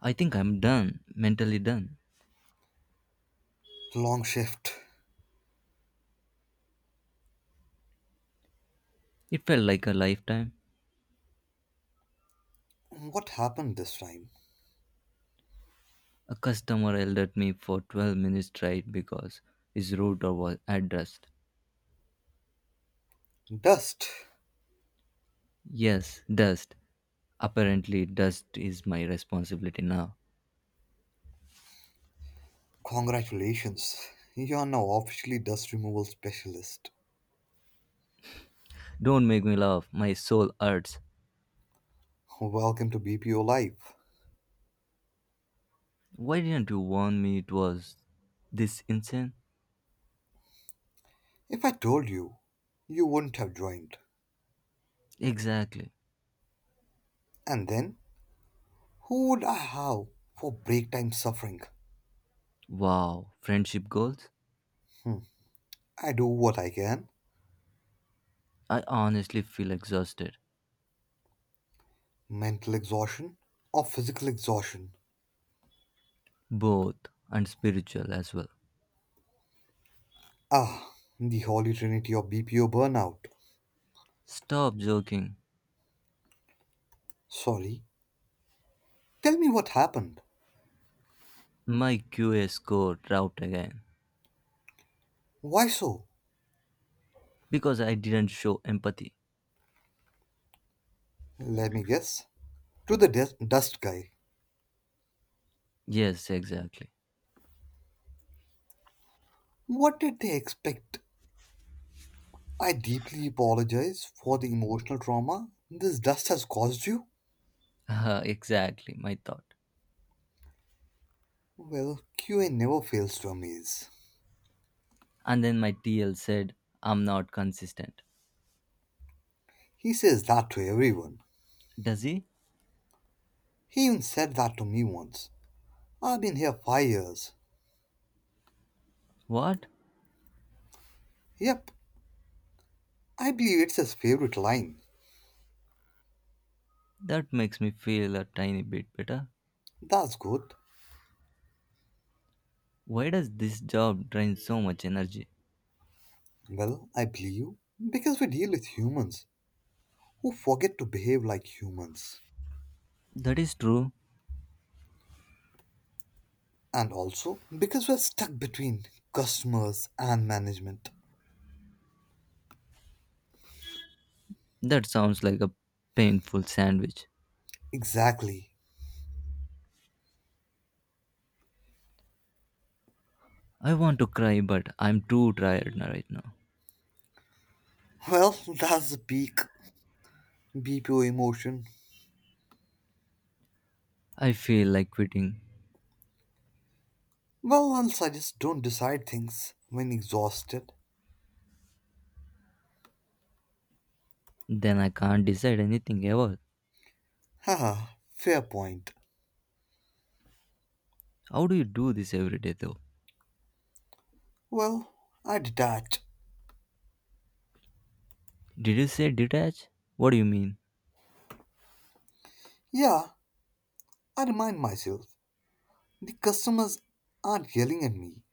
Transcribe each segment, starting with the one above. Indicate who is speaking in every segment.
Speaker 1: I think I'm done, mentally done.
Speaker 2: Long shift.
Speaker 1: It felt like a lifetime.
Speaker 2: What happened this time?
Speaker 1: A customer yelled at me for 12 minutes straight because his router was at dust.
Speaker 2: Dust.
Speaker 1: Yes, dust. Apparently, dust is my responsibility now.
Speaker 2: Congratulations. You are now officially dust removal specialist.
Speaker 1: Don't make me laugh, my soul hurts.
Speaker 2: Welcome to BPO Life.
Speaker 1: Why didn't you warn me it was this insane?
Speaker 2: If I told you, you wouldn't have joined.
Speaker 1: Exactly.
Speaker 2: And then, who would I have for break time suffering?
Speaker 1: Wow, friendship goals?
Speaker 2: Hmm. I do what I can.
Speaker 1: I honestly feel exhausted,
Speaker 2: Mental exhaustion or physical exhaustion.
Speaker 1: both and spiritual as well.
Speaker 2: Ah, the holy trinity of BPO burnout.
Speaker 1: Stop joking.
Speaker 2: Sorry. Tell me what happened.
Speaker 1: My QA score out again
Speaker 2: Why so?
Speaker 1: because I didn't show empathy.
Speaker 2: Let me guess. To the dust guy,
Speaker 1: Yes, exactly.
Speaker 2: what did they expect? I deeply apologize for the emotional trauma this dust has caused you.
Speaker 1: Exactly, my thought.
Speaker 2: Well, QA never fails to amaze.
Speaker 1: And then my TL said, I'm not consistent.
Speaker 2: He says that to everyone.
Speaker 1: Does he?
Speaker 2: He even said that to me once. I've been here 5 years.
Speaker 1: What?
Speaker 2: Yep, I believe it's his favorite line.
Speaker 1: That makes me feel a tiny bit better.
Speaker 2: That's good.
Speaker 1: Why does this job drain so much energy?
Speaker 2: Well, I believe you because we deal with humans who forget to behave like humans.
Speaker 1: That is true.
Speaker 2: And also because we're stuck between customers and management.
Speaker 1: That sounds like a painful sandwich.
Speaker 2: Exactly.
Speaker 1: I want to cry, but I'm too right now.
Speaker 2: Well, that's the peak BPO emotion.
Speaker 1: I feel like quitting.
Speaker 2: Well, once I just don't decide things when exhausted.
Speaker 1: Then I can't decide anything ever.
Speaker 2: Haha, fair point.
Speaker 1: How do you do this every day, though?
Speaker 2: Well, I detach.
Speaker 1: Did you say detach? What do you mean?
Speaker 2: Yeah, I remind myself the customers aren't yelling at me,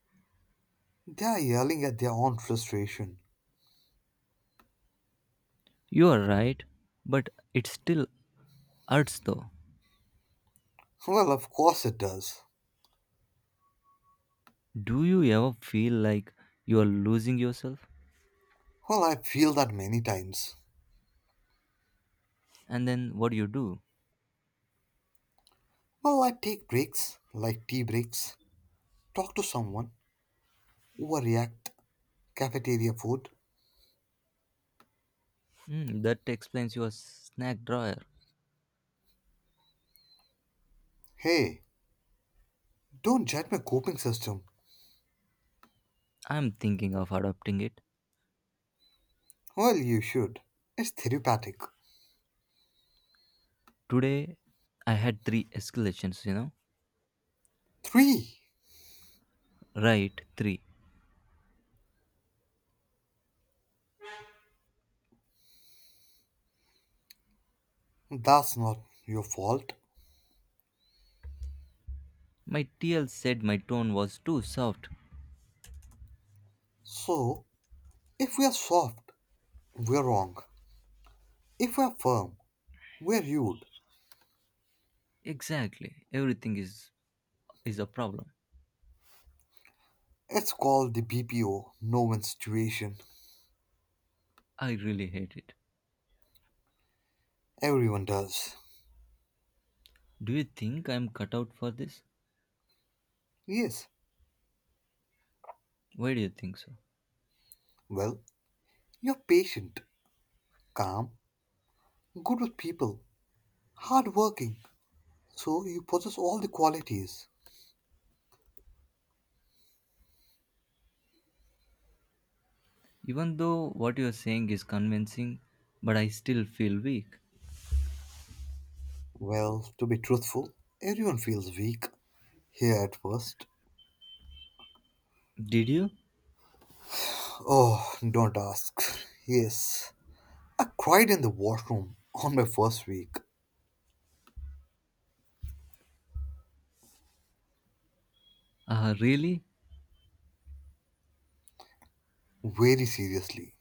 Speaker 2: they are yelling at their own frustration.
Speaker 1: You are right, but it still hurts though.
Speaker 2: Well, of course it does.
Speaker 1: Do you ever feel like you are losing yourself?
Speaker 2: Well, I feel that many times.
Speaker 1: And then what do you do?
Speaker 2: Well, I take breaks, like tea breaks, talk to someone, overreact, cafeteria food.
Speaker 1: Hmm, that explains your snack drawer.
Speaker 2: Hey, don't judge my coping system.
Speaker 1: I'm thinking of adopting it.
Speaker 2: Well, you should. It's therapeutic.
Speaker 1: Today I had three escalations?
Speaker 2: Three.
Speaker 1: Right, three.
Speaker 2: That's not your fault.
Speaker 1: My TL said my tone was too soft.
Speaker 2: So, if we are soft, we're wrong. If we're firm, we're rude.
Speaker 1: Exactly. Everything is a problem.
Speaker 2: It's called the BPO no win situation.
Speaker 1: I really hate it.
Speaker 2: Everyone does.
Speaker 1: Do you think I'm cut out for this?
Speaker 2: Yes.
Speaker 1: Why do you think so?
Speaker 2: Well, you're patient, calm, good with people, hardworking. So you possess all the qualities.
Speaker 1: Even though what you're saying is convincing, but I still feel weak.
Speaker 2: Well, to be truthful, everyone feels weak here at first.
Speaker 1: Did you?
Speaker 2: Oh, don't ask. Yes. I cried in the washroom on my first week.
Speaker 1: Ah, really?
Speaker 2: Very seriously.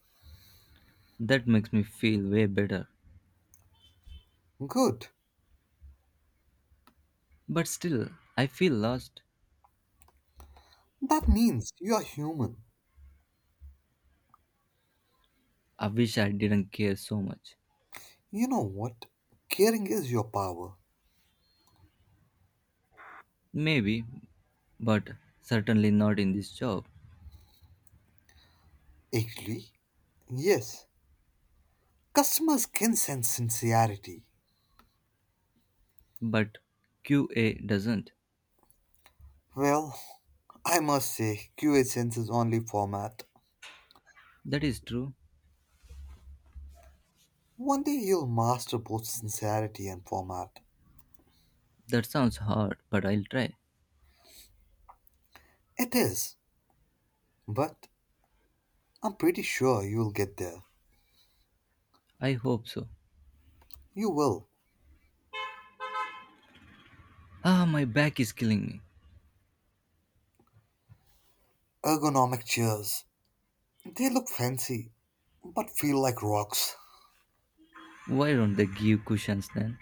Speaker 1: That makes me feel way better.
Speaker 2: Good.
Speaker 1: But still, I feel lost.
Speaker 2: That means you are human.
Speaker 1: I wish I didn't care so much.
Speaker 2: You know what? Caring is your power.
Speaker 1: Maybe, but certainly not in this job.
Speaker 2: Actually, yes. Customers can sense sincerity.
Speaker 1: But QA doesn't.
Speaker 2: Well, I must say, QA senses only format.
Speaker 1: That is true.
Speaker 2: One day you'll master both sincerity and format.
Speaker 1: That sounds hard, but I'll try.
Speaker 2: It is, but I'm pretty sure you'll get there.
Speaker 1: I hope so.
Speaker 2: You will.
Speaker 1: Ah, my back is killing me.
Speaker 2: Ergonomic chairs, they look fancy, but feel like rocks.
Speaker 1: Why don't they give cushions then?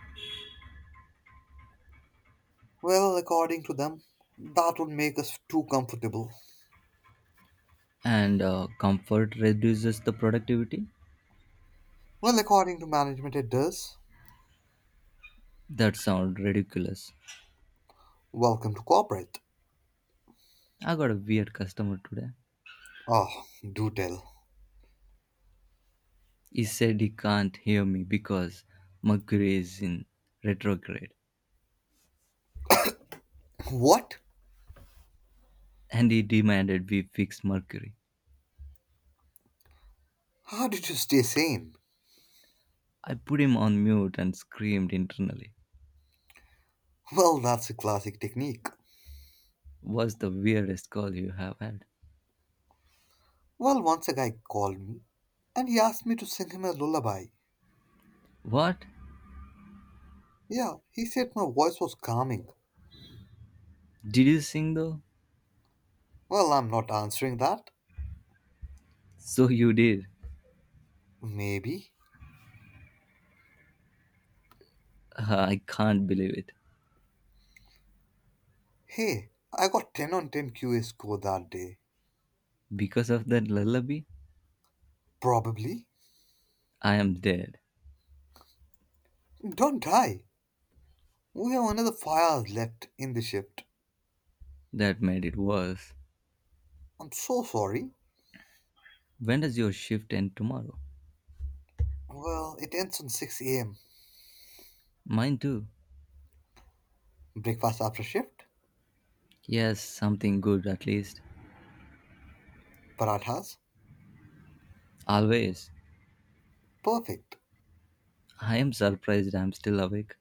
Speaker 2: Well, according to them, that would make us too comfortable.
Speaker 1: And comfort reduces the productivity?
Speaker 2: Well, according to management, it does.
Speaker 1: That sounds ridiculous.
Speaker 2: Welcome to corporate.
Speaker 1: I got a weird customer today.
Speaker 2: Oh, do tell.
Speaker 1: He said he can't hear me because Mercury is in retrograde
Speaker 2: What?
Speaker 1: and he demanded we fix Mercury.
Speaker 2: How did you stay sane?
Speaker 1: I put him on mute and screamed internally.
Speaker 2: Well, that's a classic technique.
Speaker 1: What's the weirdest call you have had?
Speaker 2: Well, once a guy called me and he asked me to sing him a lullaby.
Speaker 1: What?
Speaker 2: Yeah, he said my voice was calming.
Speaker 1: Did you sing though?
Speaker 2: Well, I'm not answering that.
Speaker 1: So you did.
Speaker 2: Maybe.
Speaker 1: I can't believe it.
Speaker 2: Hey, I got 10 on 10 QA score that day.
Speaker 1: Because of that lullaby,
Speaker 2: Probably.
Speaker 1: I am dead.
Speaker 2: Don't die. We have another 5 hours left in the shift.
Speaker 1: That made it worse.
Speaker 2: I'm so sorry.
Speaker 1: When does your shift end tomorrow?
Speaker 2: Well, it ends on 6 a.m.
Speaker 1: Mine too.
Speaker 2: Breakfast after shift?
Speaker 1: Yes, something good at least.
Speaker 2: Parathas?
Speaker 1: Always.
Speaker 2: Perfect.
Speaker 1: I am surprised I'm still awake.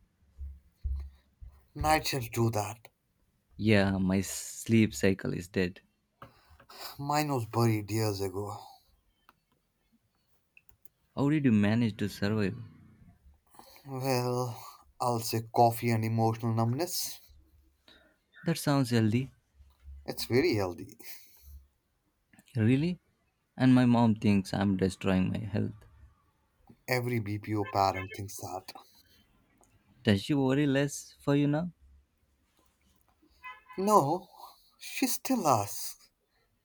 Speaker 2: Night shifts do that.
Speaker 1: Yeah, my sleep cycle is dead.
Speaker 2: Mine was buried years ago.
Speaker 1: How did you manage to survive?
Speaker 2: Well, I'll say coffee and emotional numbness.
Speaker 1: That sounds healthy.
Speaker 2: It's very healthy.
Speaker 1: Really? And my mom thinks I'm destroying my health.
Speaker 2: Every BPO parent thinks that.
Speaker 1: Does she worry less for you now?
Speaker 2: No, she still asks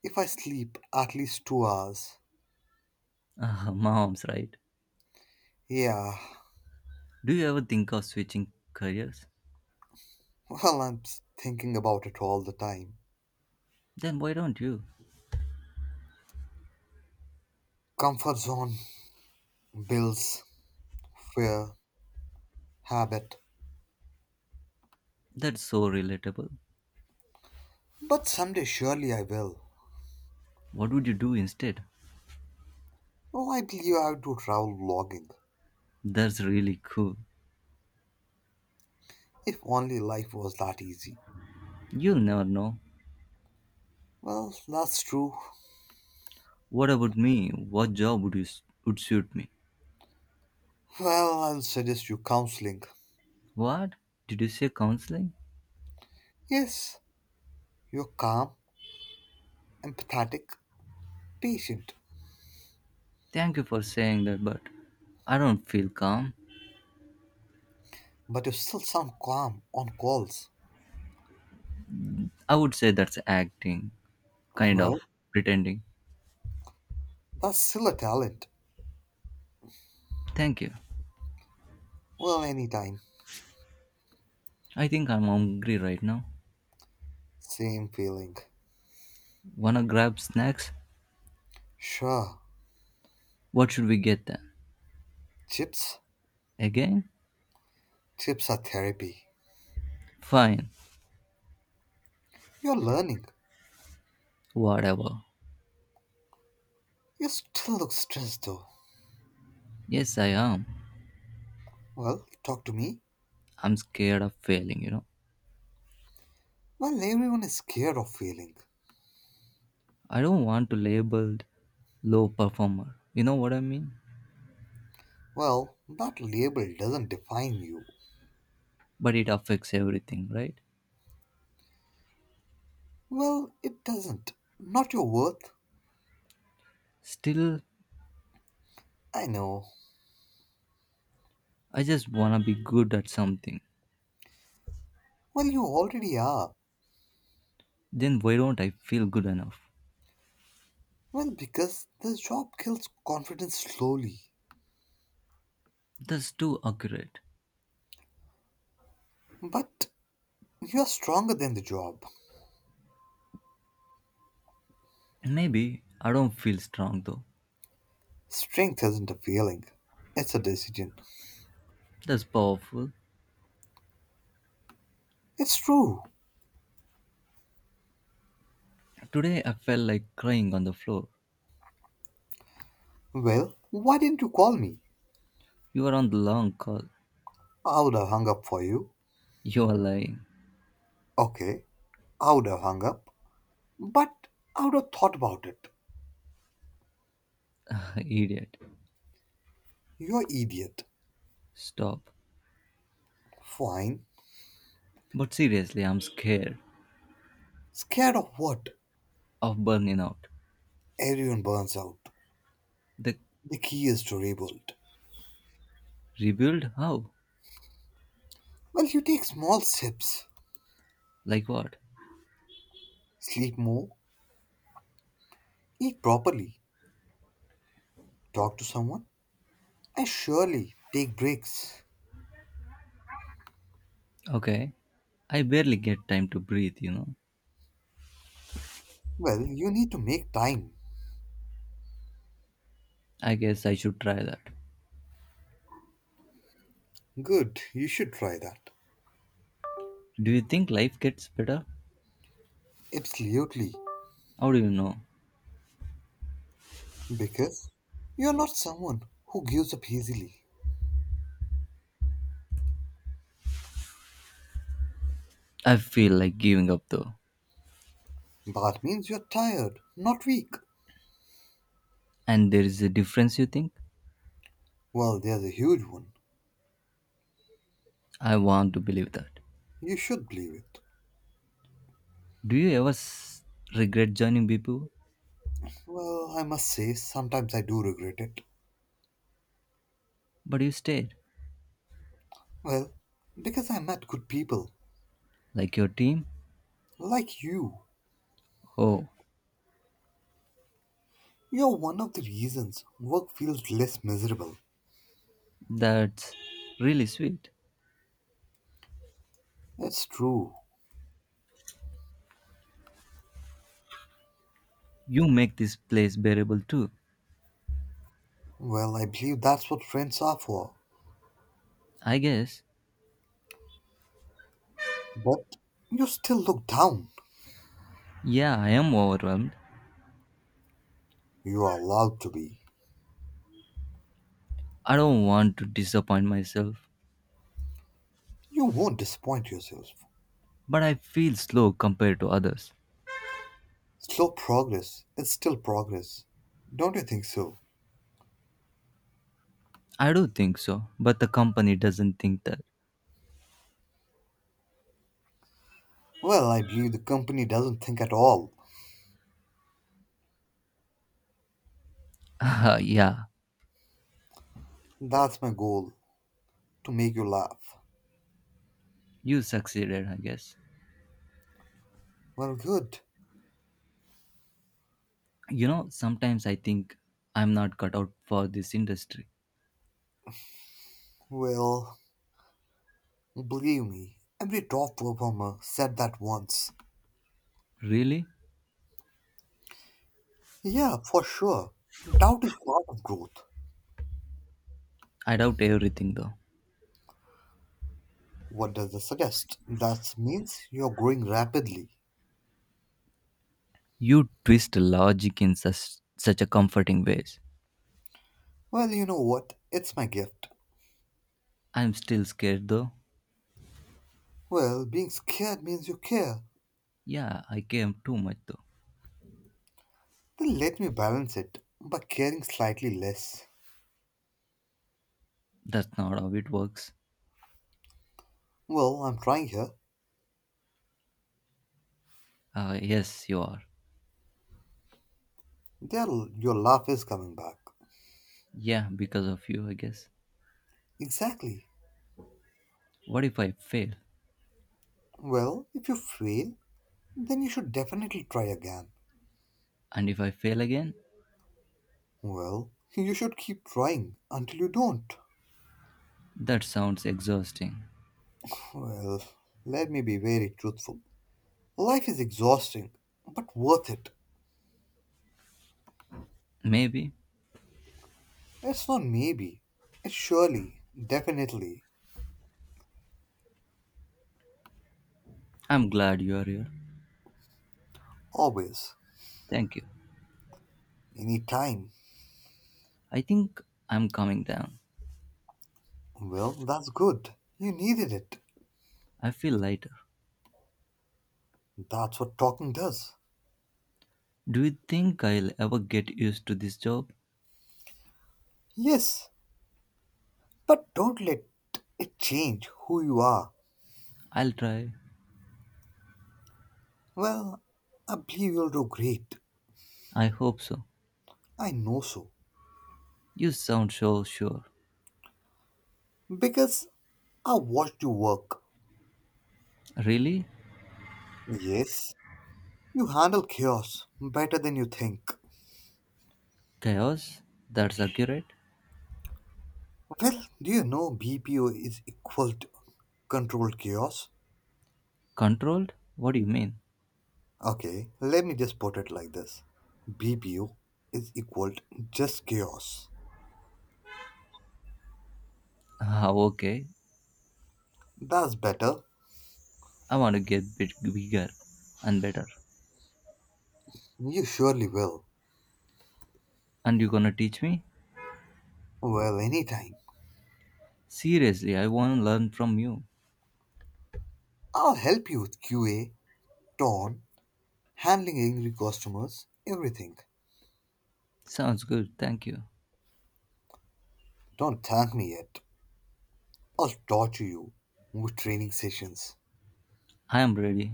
Speaker 2: if I sleep at least 2 hours.
Speaker 1: Ah, mom's right.
Speaker 2: Yeah,
Speaker 1: Do you ever think of switching careers?
Speaker 2: well, I'm thinking about it all the time.
Speaker 1: Then why don't you?
Speaker 2: Comfort zone builds fear, habit.
Speaker 1: That's so relatable.
Speaker 2: But someday surely I will.
Speaker 1: What would you do instead?
Speaker 2: Why do you have to travel vlogging.
Speaker 1: That's really cool.
Speaker 2: If only life was that easy.
Speaker 1: You'll never know.
Speaker 2: Well, that's true.
Speaker 1: What about me? What job would suit me?
Speaker 2: Well, I'll suggest you counseling.
Speaker 1: What? Did you say counseling?
Speaker 2: Yes, you're calm, empathetic, patient,
Speaker 1: Thank you for saying that, but I don't feel calm.
Speaker 2: but you still sound calm on calls.
Speaker 1: I would say that's acting, kind of
Speaker 2: Well,
Speaker 1: pretending.
Speaker 2: that's still a talent.
Speaker 1: Thank you.
Speaker 2: Well, anytime.
Speaker 1: I think I'm hungry right now.
Speaker 2: Same feeling.
Speaker 1: Wanna grab snacks?
Speaker 2: Sure,
Speaker 1: What should we get then?
Speaker 2: chips,
Speaker 1: Again?
Speaker 2: chips are therapy.
Speaker 1: Fine.
Speaker 2: You're learning.
Speaker 1: Whatever.
Speaker 2: You still look stressed though.
Speaker 1: Yes, I am.
Speaker 2: Well, talk to me.
Speaker 1: I'm scared of failing.
Speaker 2: Well, everyone is scared of failing.
Speaker 1: I don't want to labeled low performer. You know what I mean?
Speaker 2: Well, that label doesn't define you.
Speaker 1: But it affects everything, right?
Speaker 2: Well, it doesn't. Not your worth.
Speaker 1: Still,
Speaker 2: I know.
Speaker 1: I just wanna be good at something.
Speaker 2: Well, you already are.
Speaker 1: Then why don't I feel good enough?
Speaker 2: Well, because the job kills confidence slowly.
Speaker 1: That's too accurate.
Speaker 2: But you're stronger than the job.
Speaker 1: Maybe I don't feel strong though.
Speaker 2: Strength isn't a feeling, it's a decision.
Speaker 1: That's powerful.
Speaker 2: It's true.
Speaker 1: Today I felt like crying on the floor.
Speaker 2: Well, why didn't you call me?
Speaker 1: You are on the long call.
Speaker 2: I would have hung up for you.
Speaker 1: You are lying.
Speaker 2: Okay, I would have hung up. But I would have thought about it.
Speaker 1: Idiot.
Speaker 2: You're idiot.
Speaker 1: Stop.
Speaker 2: Fine.
Speaker 1: But seriously, I'm scared
Speaker 2: Scared of what?
Speaker 1: of burning out.
Speaker 2: Everyone burns out.
Speaker 1: The
Speaker 2: The key is to rebuild.
Speaker 1: rebuild? How?
Speaker 2: Well, you take small sips,
Speaker 1: Like what?
Speaker 2: sleep more, eat properly, talk to someone, and surely take breaks.
Speaker 1: Okay. I barely get time to breathe.
Speaker 2: Well, you need to make time.
Speaker 1: I guess I should try that.
Speaker 2: Good, you should try that.
Speaker 1: Do you think life gets better?
Speaker 2: Absolutely.
Speaker 1: How do you know?
Speaker 2: Because you're not someone who gives up easily.
Speaker 1: I feel like giving up though.
Speaker 2: That means you're tired, not weak.
Speaker 1: And there is a difference, you think?
Speaker 2: Well, there's a huge one.
Speaker 1: I want to believe that.
Speaker 2: You should believe it.
Speaker 1: Do you ever regret joining people?
Speaker 2: Well, I must say, sometimes I do regret it.
Speaker 1: But you stayed.
Speaker 2: Well, because I met good people
Speaker 1: Like your team?
Speaker 2: like you.
Speaker 1: Oh,
Speaker 2: You're one of the reasons work feels less miserable.
Speaker 1: that's really sweet.
Speaker 2: It's true.
Speaker 1: You make this place bearable too.
Speaker 2: Well, I believe that's what friends are for.
Speaker 1: I guess.
Speaker 2: But you still look down.
Speaker 1: Yeah, I am overwhelmed.
Speaker 2: You are allowed to be.
Speaker 1: I don't want to disappoint myself.
Speaker 2: You won't disappoint yourself.
Speaker 1: But I feel slow compared to others.
Speaker 2: Slow progress is still progress. Don't you think so?
Speaker 1: I do think so, but the company doesn't think that.
Speaker 2: Well, I believe the company doesn't think at all.
Speaker 1: Yeah,
Speaker 2: That's my goal to make you laugh.
Speaker 1: you succeeded, I guess.
Speaker 2: Well, good.
Speaker 1: Sometimes I think I'm not cut out for this industry.
Speaker 2: Well, believe me, every top performer said that once.
Speaker 1: Really?
Speaker 2: Yeah, for sure. Doubt is part of growth.
Speaker 1: I doubt everything though.
Speaker 2: What does this suggest? That means you're growing rapidly.
Speaker 1: You twist logic in such a comforting ways.
Speaker 2: Well, you know what? It's my gift.
Speaker 1: I'm still scared though.
Speaker 2: Well, being scared means you care.
Speaker 1: Yeah, I came too much though.
Speaker 2: Then let me balance it by caring slightly less.
Speaker 1: That's not how it works.
Speaker 2: Well, I'm trying here.
Speaker 1: Yes, you are.
Speaker 2: There, your laugh is coming back.
Speaker 1: Yeah, because of you, I guess.
Speaker 2: Exactly.
Speaker 1: What if I fail?
Speaker 2: Well, if you fail, then you should definitely try again.
Speaker 1: And if I fail again?
Speaker 2: Well, you should keep trying until you don't.
Speaker 1: That sounds exhausting.
Speaker 2: Well, let me be very truthful. Life is exhausting, but worth it.
Speaker 1: Maybe.
Speaker 2: It's not maybe. It's surely, definitely,
Speaker 1: I'm glad you are here.
Speaker 2: always,
Speaker 1: Thank you.
Speaker 2: any time.
Speaker 1: I think I'm coming down.
Speaker 2: Well, that's good. You needed it.
Speaker 1: I feel lighter.
Speaker 2: That's what talking does.
Speaker 1: Do you think I'll ever get used to this job?
Speaker 2: Yes, but don't let it change who you are.
Speaker 1: I'll try.
Speaker 2: Well, I believe you'll do great.
Speaker 1: I hope so.
Speaker 2: I know so.
Speaker 1: You sound so sure.
Speaker 2: Because I watched you work.
Speaker 1: Really?
Speaker 2: Yes, you handle chaos better than you think.
Speaker 1: Chaos? That's accurate?
Speaker 2: Well, do you know BPO is equal to controlled chaos?
Speaker 1: Controlled? What do you mean?
Speaker 2: Okay, let me just put it like this, BPO is equal to just chaos.
Speaker 1: Ah, okay.
Speaker 2: That's better.
Speaker 1: I want to get bit bigger and better.
Speaker 2: You surely will.
Speaker 1: And you gonna teach me?
Speaker 2: Well, anytime.
Speaker 1: Seriously, I wanna learn from you.
Speaker 2: I'll help you with QA, tone, handling angry customers, everything.
Speaker 1: Sounds good, thank you.
Speaker 2: Don't thank me yet. I'll torture you with training sessions.
Speaker 1: I am ready.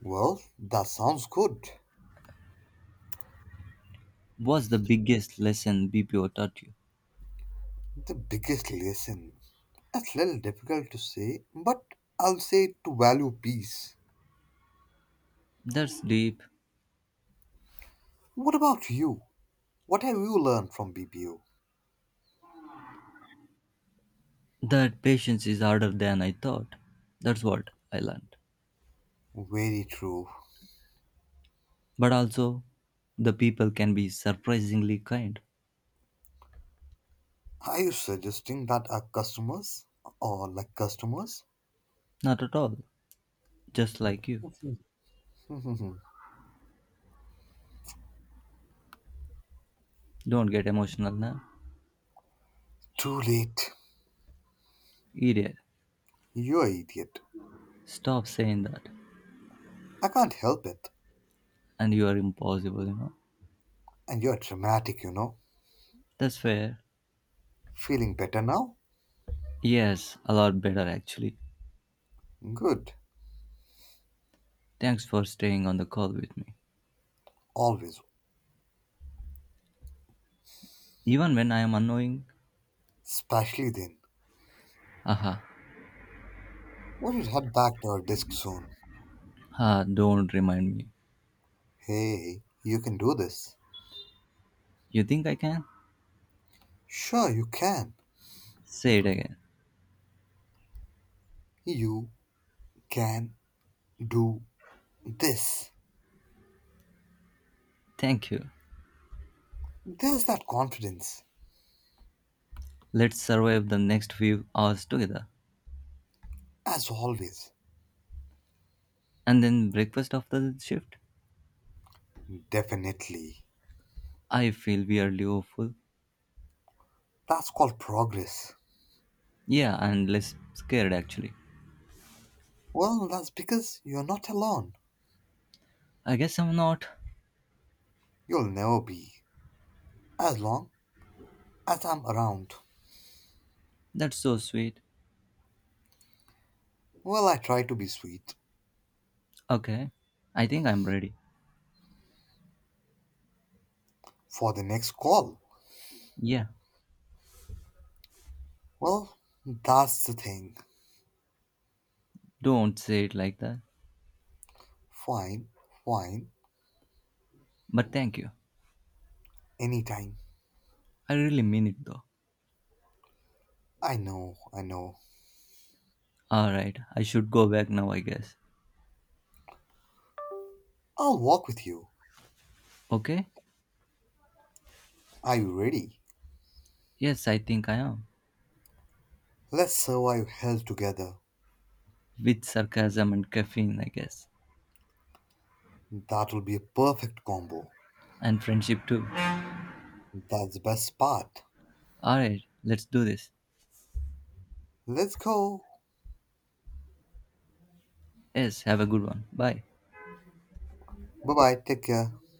Speaker 2: Well, that sounds good.
Speaker 1: What's the biggest lesson BPO taught you?
Speaker 2: The biggest lesson. That's a little difficult to say, but I'll say to value peace.
Speaker 1: That's deep.
Speaker 2: What about you? What have you learned from BPO?
Speaker 1: That patience is harder than I thought. That's what I learned.
Speaker 2: Very true.
Speaker 1: But also, the people can be surprisingly kind.
Speaker 2: Are you suggesting that our customers or like customers?
Speaker 1: Not at all. Just like you.
Speaker 2: Mhm.
Speaker 1: Don't get emotional now.
Speaker 2: Too late.
Speaker 1: Idiot.
Speaker 2: You're an idiot.
Speaker 1: Stop saying that.
Speaker 2: I can't help it.
Speaker 1: And you are impossible,
Speaker 2: And you're dramatic, you know.
Speaker 1: That's fair.
Speaker 2: Feeling better now?
Speaker 1: Yes, a lot better actually.
Speaker 2: Good.
Speaker 1: Thanks for staying on the call with me.
Speaker 2: Always.
Speaker 1: Even when I am annoying.
Speaker 2: Especially then.
Speaker 1: Aha.
Speaker 2: We should head back to our desk soon.
Speaker 1: Ah, don't remind me.
Speaker 2: Hey, you can do this.
Speaker 1: You think I can?
Speaker 2: Sure, you can.
Speaker 1: Say it again.
Speaker 2: You can do this.
Speaker 1: Thank you.
Speaker 2: There's that confidence,
Speaker 1: Let's survive the next few hours together.
Speaker 2: as always.
Speaker 1: And then breakfast after the shift.
Speaker 2: Definitely.
Speaker 1: I feel weirdly hopeful.
Speaker 2: That's called progress.
Speaker 1: Yeah, and less scared actually.
Speaker 2: Well, that's because you're not alone.
Speaker 1: I guess I'm not.
Speaker 2: You'll never be, as long as I'm around.
Speaker 1: That's so sweet.
Speaker 2: Well, I try to be sweet
Speaker 1: Okay, I think I'm ready.
Speaker 2: for the next call.
Speaker 1: Yeah,
Speaker 2: Well, that's the thing.
Speaker 1: don't say it like that.
Speaker 2: Fine, fine,
Speaker 1: But thank you.
Speaker 2: anytime.
Speaker 1: I really mean it though.
Speaker 2: I know, I know.
Speaker 1: Alright, I should go back now, I guess.
Speaker 2: I'll walk with you.
Speaker 1: Okay?
Speaker 2: Are you ready?
Speaker 1: Yes, I think I am.
Speaker 2: Let's survive hell together.
Speaker 1: With sarcasm and caffeine, I guess.
Speaker 2: That will be a perfect combo.
Speaker 1: And friendship too.
Speaker 2: That's the best part.
Speaker 1: Alright, let's do this.
Speaker 2: Let's go.
Speaker 1: Yes, have a good one. Bye.
Speaker 2: Bye bye. Take care.